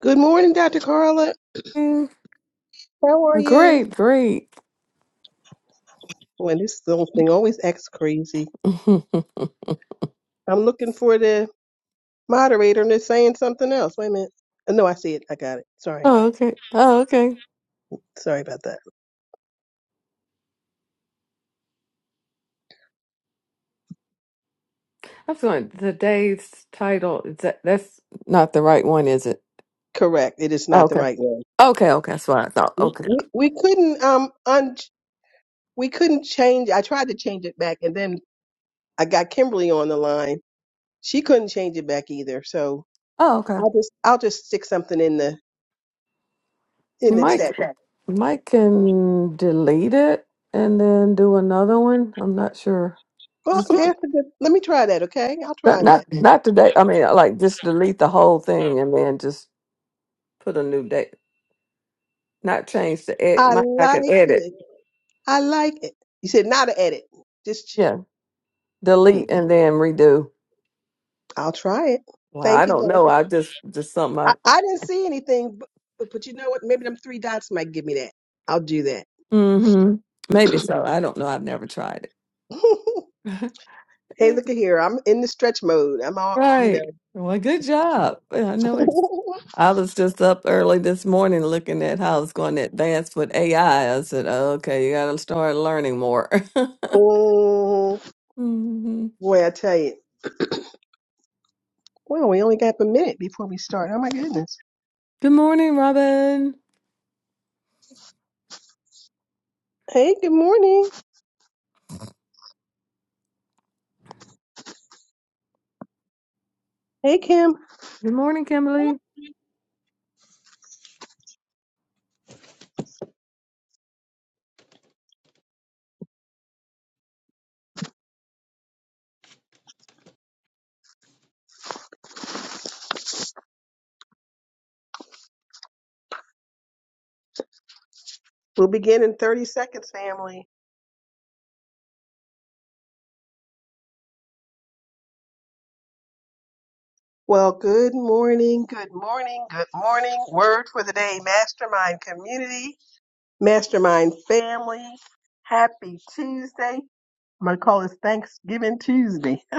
Good morning, Dr. Carla. How are you? Great, great. When this little thing always acts crazy. oh, I'm looking for the moderator and they're saying something else. Wait a minute. Oh, No, I see it. I got it. Sorry. okay. Oh, okay. Sorry about that. I was going, today's title, is that, that's not the right one, is it? Correct. It is Oh, not the okay. right one. Okay, okay. That's what I thought. We, Okay. we, we couldn't um un we couldn't change. I tried to change it back and then I got Kimberly on the line. She couldn't change it back either. So Oh, okay. I'll just I'll just stick something in the in the Mike, text. Mike can delete it and then do another one. I'm not sure. Well, Just okay, that's a good- let me try that. Okay, I'll not, try not, that. not today. I mean, like just delete the whole thing and then just put a new date. Not change the ed. I Mike, I can like edit. it. I like it. You said not an edit. Just, Yeah. mm, Delete and then redo. I'll try it. Well, I Thank you, don't know. Dr. I just just something I I, I didn't see anything, but, but, but you know what? Maybe them three dots might give me that. I'll do that. hmm maybe so. I don't know. I've never tried it. hey, look at here. I'm in the stretch mode. I'm all, you right. know. Well, good job. Yeah, I know it's I was just up early this morning looking at how it's going to advance with AI. I I said, oh, okay, you gotta start learning more. oh, hmm boy, I tell you. Well, we only got a minute before we start. Oh, my goodness. Good morning, Robin. Hey, good morning. Hey, Kim. Good morning, Kimberly. We'll begin in 30 seconds, family. Well, good morning, good morning, good morning. Word for the day, Mastermind Community, Mastermind Family. Happy Tuesday. I'm going to call this Thanksgiving Tuesday.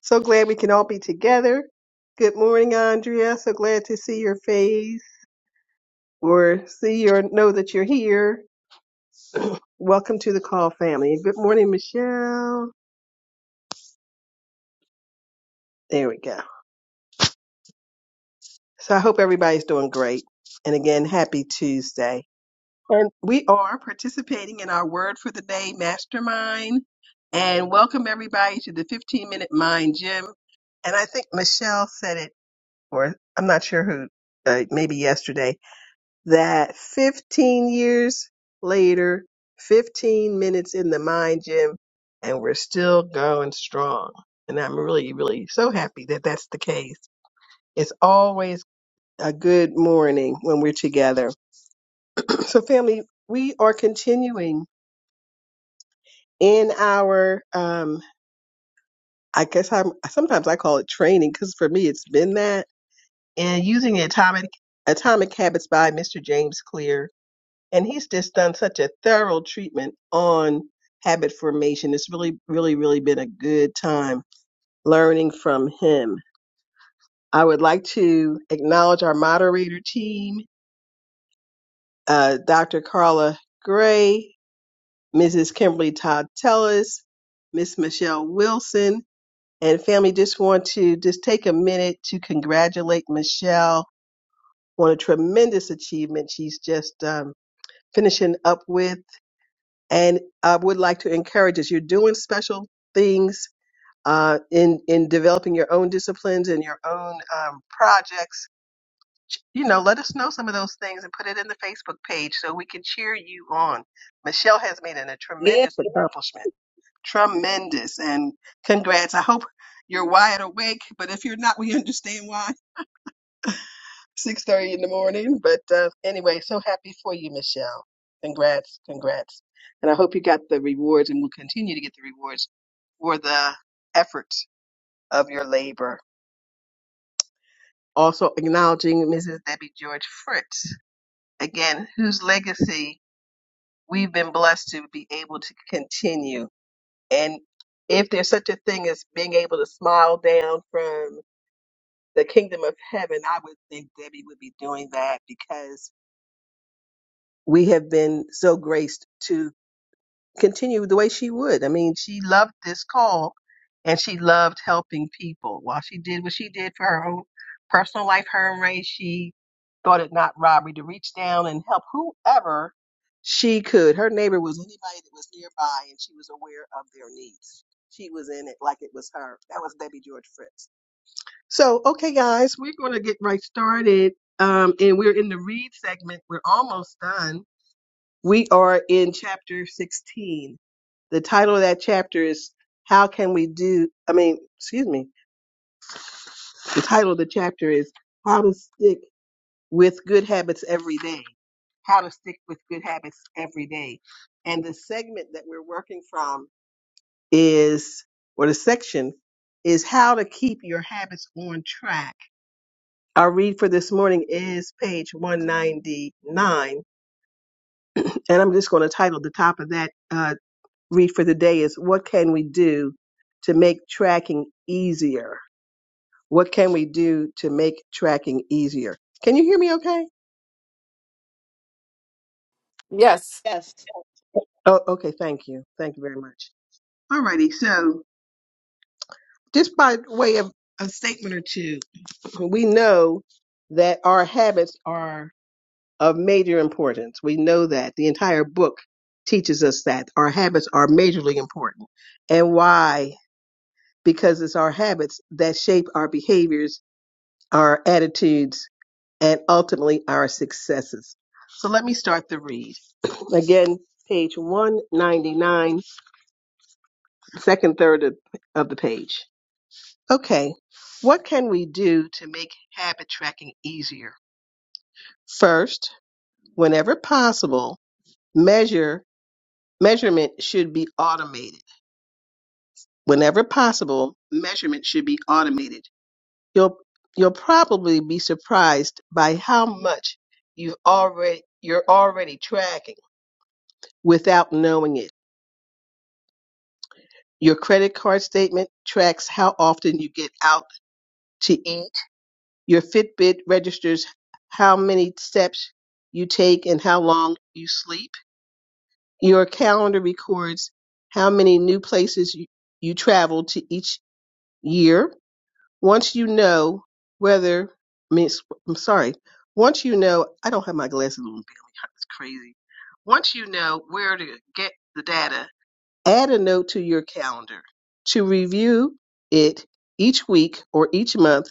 So glad we can all be together. Good morning, Andrea. So glad to see your face or see or know that you're here. Welcome to the call family. Good morning, Michelle. There we go. So I hope everybody's doing great. And again, happy Tuesday. And we are participating in our Word for the Day Mastermind. And welcome everybody to the 15 Minute Mind Gym. And I think Michelle said it, or I'm not sure who, uh, maybe yesterday, that 15 years later, 15 minutes in the Mind Gym, and we're still going strong. And I'm really, really so happy that that's the case. It's always a good morning when we're together. so, family, we are continuing in our um i guess i'm sometimes i call it training because for me it's been that and using the atomic atomic habits by mr james clear and he's just done such a thorough treatment on habit formation it's really really really been a good time learning from him i would like to acknowledge our moderator team uh, dr carla gray mrs kimberly todd tellis miss michelle wilson And family, just want to just take a minute to congratulate Michelle on a tremendous achievement she's just um, finishing up with. And I would like to encourage us. You're doing special things uh, in in developing your own disciplines and your own um, projects. You know, let us know some of those things and put it in the Facebook page so we can cheer you on. Michelle has made an, a tremendous accomplishment. Tremendous. And congrats. I hope you're wide awake, but if you're not, we understand why. 6.30 in the morning. But uh, anyway, so happy for you, Michelle. Congrats. Congrats. And I hope you got the rewards and will continue to get the rewards for the efforts of your labor. Also acknowledging Mrs. Debbie George Fritz, again, whose legacy we've been blessed to be able to continue. And if there's such a thing as being able to smile down from the kingdom of heaven, I would think Debbie would be doing that because we have been so graced to continue the way she would. I mean, she loved this call and she loved helping people. While she did what she did for her own personal life, her and Ray, she thought it not robbery to reach down and help whoever she could. Her neighbor was anybody that was nearby and she was aware of their needs. She was in it like it was her. That was Debbie George Fritz. So, okay, guys, we're going to get right started. Um, and we're in the read segment. We're almost done. We are in chapter 16. The title of that chapter is How Can We Do? I mean, excuse me. The title of the chapter is How to Stick with Good Habits Every Day. How to Stick with Good Habits Every Day. And the segment that we're working from is, or the section is How to Keep Your Habits on Track Our read for this morning is page 199. And I'm just going to title the top of that uh, read for the day is What Can We Do to Make Tracking Easier? What can we do to make tracking easier? Can you hear me okay? Yes. Yes. Oh, okay. Thank you. Thank you very much. Alrighty. So, just by way of a statement or two, we know that our habits are of major importance. We know that the entire book teaches us that our habits are majorly important. And why? Because it's our habits that shape our behaviors, our attitudes, and ultimately our successes. So let me start the read. Again, page 199, second third of, of the page. Okay, what can we do to make habit tracking easier? First, whenever possible, measure Measurement should be automated. Whenever possible, measurement should be automated. You'll you'll probably be surprised by how much you've already you're already tracking without knowing it. Your credit card statement tracks how often you get out to eat. Your Fitbit registers how many steps you take and how long you sleep. Your calendar records how many new places you, you travel to each year once you know whether I mean, s- I'm sorry. Once you know, I don't have my glasses on. Billy. It's crazy. Once you know where to get the data, add a note to your calendar to review it each week or each month,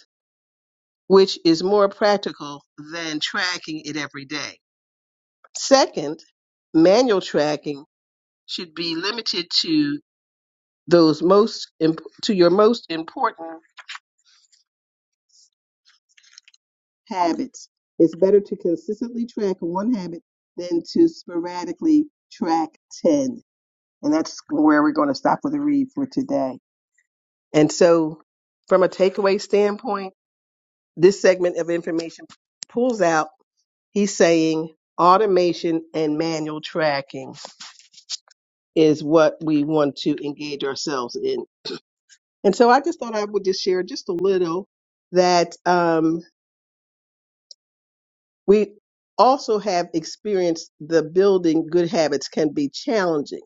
which is more practical than tracking it every day. Second, manual tracking should be limited to those most imp- to your most important habits. It's better to consistently track one habit than to sporadically track 10. And that's where we're going to stop with the read for today. And so, from a takeaway standpoint, this segment of information pulls out, he's saying automation and manual tracking is what we want to engage ourselves in. And so I just thought I would just share just a little that um, We also have experienced the building good habits can be challenging.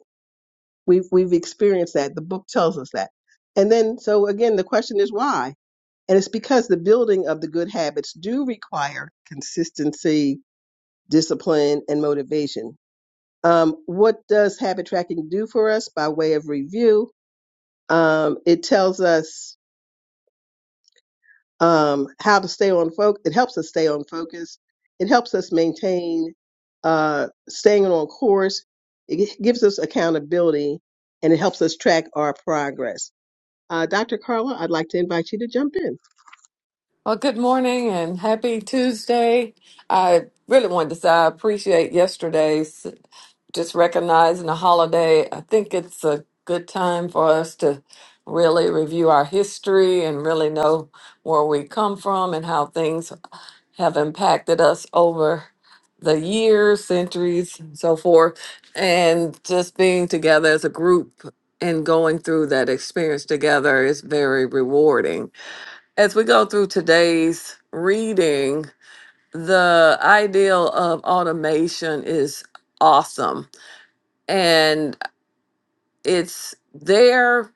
We've, we've experienced that. The book tells us that. And then, so again, the question is why? And it's because the building of the good habits do require consistency, discipline, and motivation. Um, what does habit tracking do for us by way of review? Um, it tells us um, how to stay on focus. It helps us stay on focus. It helps us maintain uh, staying on course. It gi- gives us accountability and it helps us track our progress. Uh, Dr. Carla, I'd like to invite you to jump in. Well, good morning and happy Tuesday. I really wanted to say I appreciate yesterday's. just recognizing the holiday, I think it's a good time for us to really review our history and really know where we come from and how things have impacted us over the years, centuries, and so forth. And just being together as a group and going through that experience together is very rewarding. As we go through today's reading, the ideal of automation is awesome. and it's there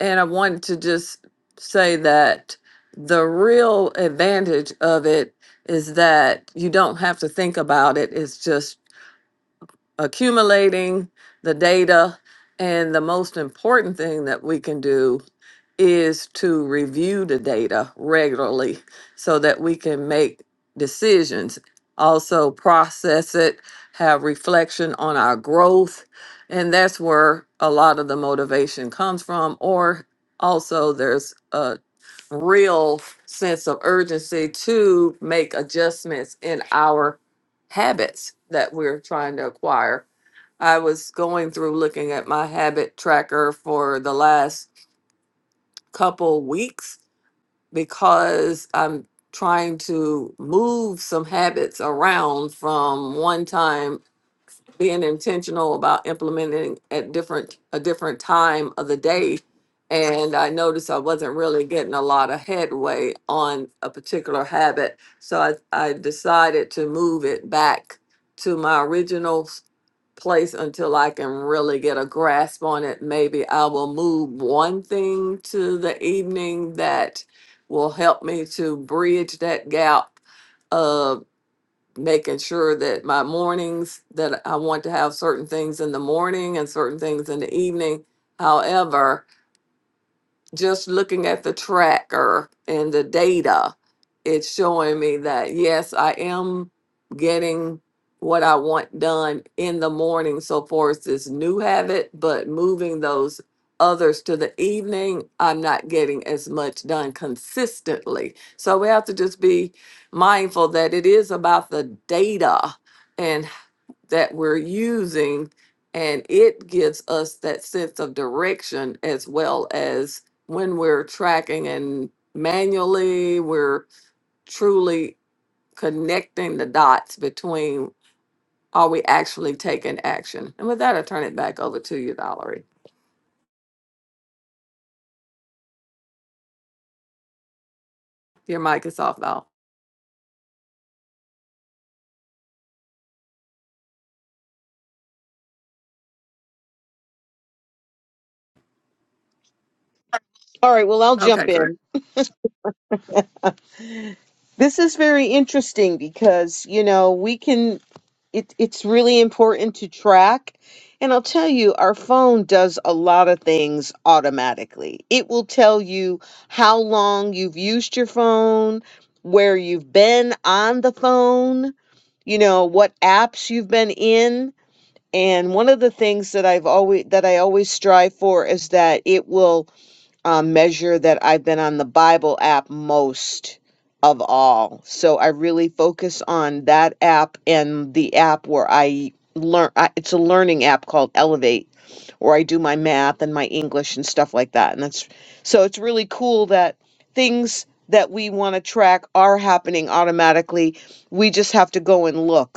and i want to just say that the real advantage of it is that you don't have to think about it it's just accumulating the data and the most important thing that we can do is to review the data regularly so that we can make decisions, also process it, have reflection on our growth. And that's where a lot of the motivation comes from. Or also, there's a real sense of urgency to make adjustments in our habits that we're trying to acquire. I was going through looking at my habit tracker for the last couple weeks because I'm trying to move some habits around from one time being intentional about implementing at different a different time of the day and i noticed i wasn't really getting a lot of headway on a particular habit so i, I decided to move it back to my original s- place until i can really get a grasp on it maybe i will move one thing to the evening that will help me to bridge that gap making sure that my mornings that I want to have certain things in the morning and certain things in the evening. However, just looking at the tracker and the data, it's showing me that yes, I am getting what I want done in the morning so far as this new habit, but moving those others to the evening, I'm not getting as much done consistently. So we have to just be mindful that it is about the data and that we're using and it gives us that sense of direction as well as when we're tracking and manually we're truly connecting the dots between are we actually taking action and with that i turn it back over to you valerie your mic is off val All right. Well, I'll jump okay great in. This is very interesting because, you know, we can, it, it's really important to track. And I'll tell you, our phone does a lot of things automatically. It will tell you how long you've used your phone, where you've been on the phone, you know, what apps you've been in. And one of the things that I've always that I always strive for is that it will uh, measure that I've been on the Bible app most of all. So I really focus on that app and the app where I learn. I, it's a learning app called Elevate, where I do my math and my English and stuff like that. And that's so it's really cool that things that we want to track are happening automatically. We just have to go and look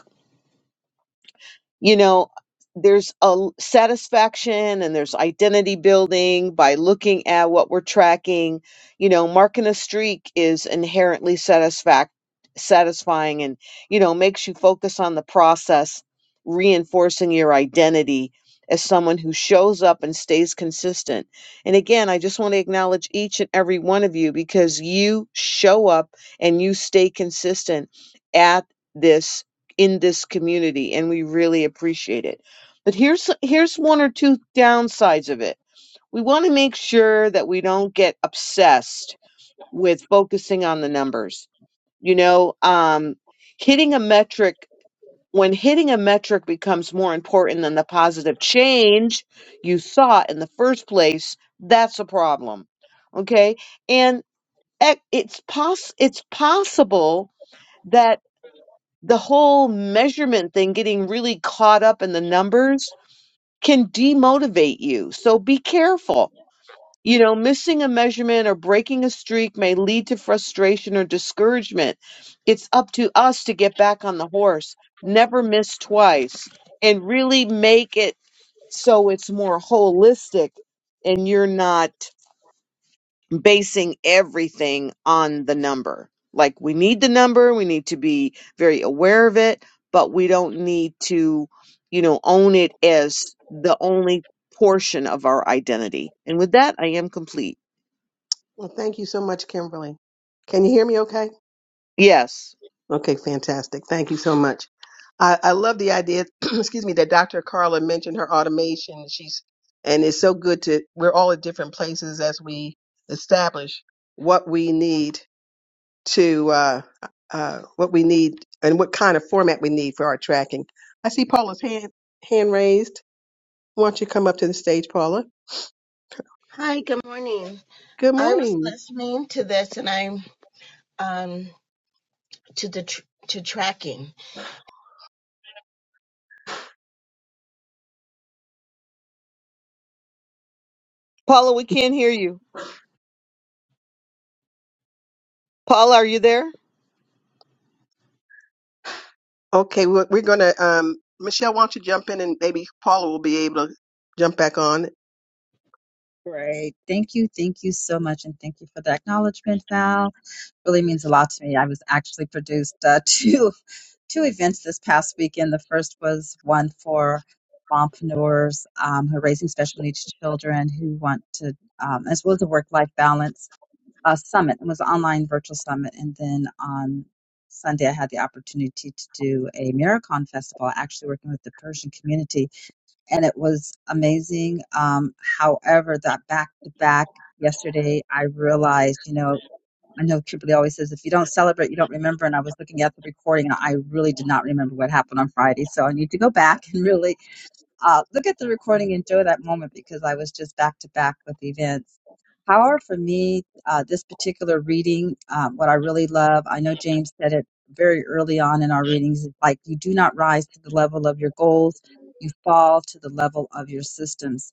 you know there's a l- satisfaction and there's identity building by looking at what we're tracking you know marking a streak is inherently satisfac- satisfying and you know makes you focus on the process reinforcing your identity as someone who shows up and stays consistent and again i just want to acknowledge each and every one of you because you show up and you stay consistent at this in this community and we really appreciate it. But here's here's one or two downsides of it. We want to make sure that we don't get obsessed with focusing on the numbers. You know, um hitting a metric when hitting a metric becomes more important than the positive change you sought in the first place, that's a problem. Okay? And eh, it's poss- it's possible that the whole measurement thing, getting really caught up in the numbers can demotivate you. So be careful. You know, missing a measurement or breaking a streak may lead to frustration or discouragement. It's up to us to get back on the horse, never miss twice, and really make it so it's more holistic and you're not basing everything on the number. Like we need the number, we need to be very aware of it, but we don't need to, you know, own it as the only portion of our identity. And with that, I am complete. Well, thank you so much, Kimberly. Can you hear me okay? Yes. Okay, fantastic. Thank you so much. I, I love the idea, excuse me, that Dr. Carla mentioned her automation. She's, and it's so good to, we're all at different places as we establish what we need to, uh, uh, what we need and what kind of format we need for our tracking. I see Paula's hand, hand raised. Why don't you come up to the stage, Paula? Hi, good morning. Good I was morning. listening to this and I'm um to the tr- to tracking. Paula, we can't hear you. Paula, are you there? Okay. We're, we're going to, um, Michelle, why don't you jump in and maybe Paula will be able to jump back on. Great. Thank you. Thank you so much. And thank you for the acknowledgement, Val. Really means a lot to me. I was actually produced uh, two, two events this past weekend. The first was one for mompreneurs um, who are raising special needs children who want to, um, as well as a work life balance uh, summit. It was an online virtual summit. And then on Sunday, I had the opportunity to do a Miracon festival, actually working with the Persian community and it was amazing. Um, however, that back to back yesterday, I realized, you know, I know Kimberly always says, if you don't celebrate, you don't remember. And I was looking at the recording and I really did not remember what happened on Friday. So I need to go back and really uh, look at the recording, enjoy that moment because I was just back to back with events. However, for me, uh, this particular reading, um, what I really love, I know James said it very early on in our readings, is like you do not rise to the level of your goals, you fall to the level of your systems.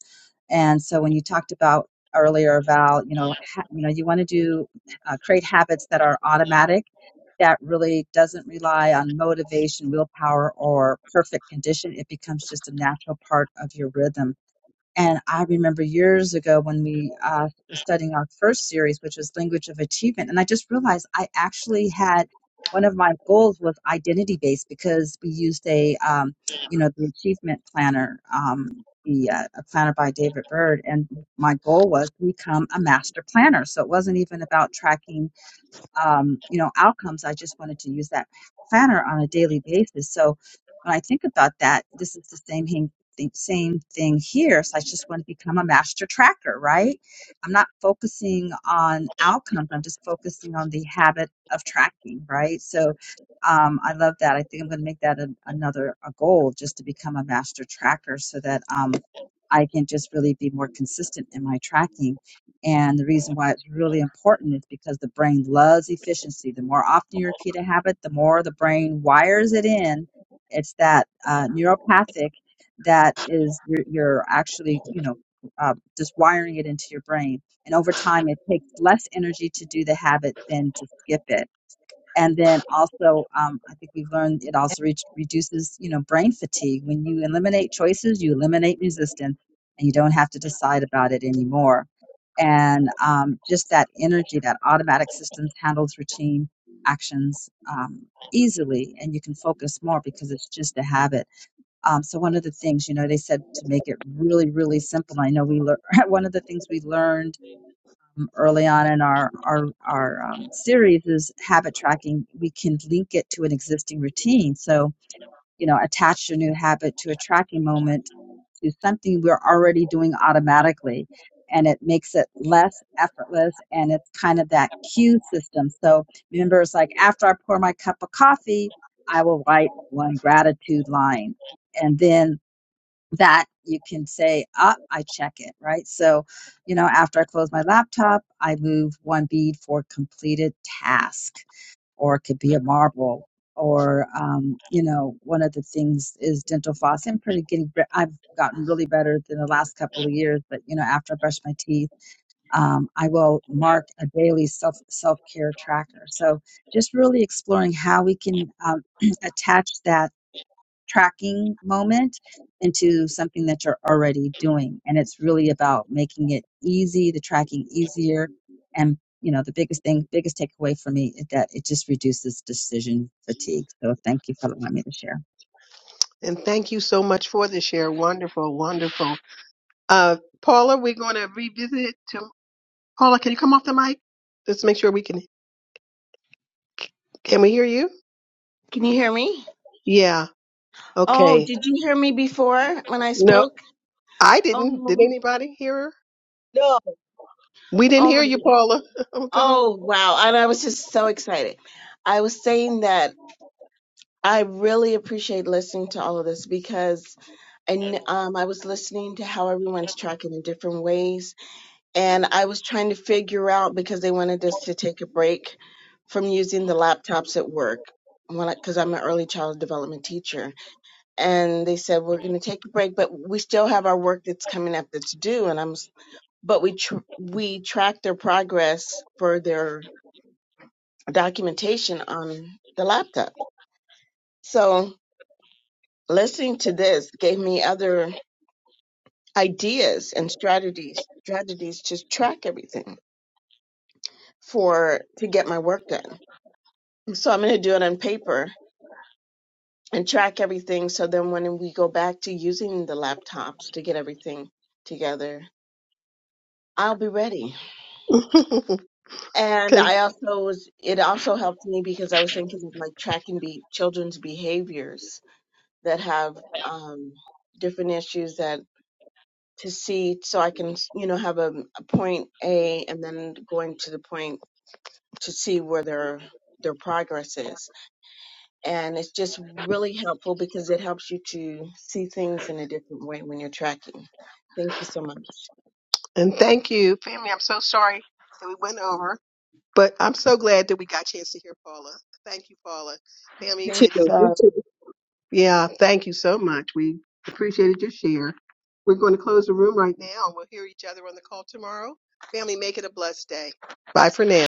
And so when you talked about earlier, Val, you know, ha- you know, you want to do uh, create habits that are automatic that really doesn't rely on motivation, willpower, or perfect condition. It becomes just a natural part of your rhythm. And I remember years ago when we uh, was studying our first series, which was language of achievement, and I just realized I actually had one of my goals was identity based because we used a um, you know the achievement planner, um, the uh, a planner by David Bird, and my goal was to become a master planner. So it wasn't even about tracking um, you know outcomes i just wanted to use that planner on a daily basis so when i think about that this is the same thing the same thing here so i just want to become a master tracker right i'm not focusing on outcomes i'm just focusing on the habit of tracking right so um, i love that i think i'm going to make that a, another a goal just to become a master tracker so that um, i can just really be more consistent in my tracking and the reason why it's really important is because the brain loves efficiency. The more often you repeat a habit, the more the brain wires it in. It's that uh, neuropathic that is you're, you're actually you know uh, just wiring it into your brain. And over time, it takes less energy to do the habit than to skip it and then also um, i think we've learned it also re- reduces you know brain fatigue when you eliminate choices you eliminate resistance and you don't have to decide about it anymore and um, just that energy that automatic systems handles routine actions um, easily and you can focus more because it's just a habit um, so one of the things you know they said to make it really really simple i know we learned one of the things we learned um, early on in our our, our um, series is habit tracking we can link it to an existing routine so you know attach your new habit to a tracking moment to something we're already doing automatically and it makes it less effortless and it's kind of that cue system so remember it's like after i pour my cup of coffee i will write one gratitude line and then that you can say, up, I check it, right? So, you know, after I close my laptop, I move one bead for completed task, or it could be a marble, or, um, you know, one of the things is dental floss. I'm pretty getting, I've gotten really better than the last couple of years, but, you know, after I brush my teeth, um, I will mark a daily self self care tracker. So, just really exploring how we can um, attach that tracking moment into something that you're already doing and it's really about making it easy the tracking easier and you know the biggest thing biggest takeaway for me is that it just reduces decision fatigue so thank you for allowing me to share And thank you so much for the share. Wonderful, wonderful. Uh, Paula, we're going to revisit. To, Paula, can you come off the mic? Let's make sure we can. Can we hear you? Can you hear me? Yeah. Oh, Okay. did you hear me before when I No, spoke? I didn't. Did Oh, anybody hear her? No, We didn't oh hear my you, god. Paula. Oh golly. Oh, wow. And I was just so excited. I was saying that I really appreciate listening to all of this because and um I was listening to how everyone's tracking in different ways and I was trying to figure out because they wanted us to take a break from using the laptops at work because I'm an early child development teacher. And they said, we're going to take a break, but we still have our work that's coming up that's due. And I'm, s- but we, tr- we track their progress for their documentation on the laptop. So listening to this gave me other ideas and strategies, strategies to track everything for, to get my work done. So I'm going to do it on paper and track everything. So then when we go back to using the laptops to get everything together, I'll be ready. And Con- I also was, it also helped me because I was thinking of like tracking be, children's behaviors that have um, different issues that to see so I can, you know, have a, a point A and then going to the point to see where their, their progress is And it's just really helpful because it helps you to see things in a different way when you're tracking. Thank you so much. and thank you, family. I'm so sorry that we went over, but I'm so glad that we got a chance to hear Paula. Thank you, Paula. me Family, too. Thank it's you. Me uh, too. Yeah, thank you so much. We appreciated your share. We're going to close the room right now. We'll hear each other on the call tomorrow. Family, make it a blessed day. Bye for now.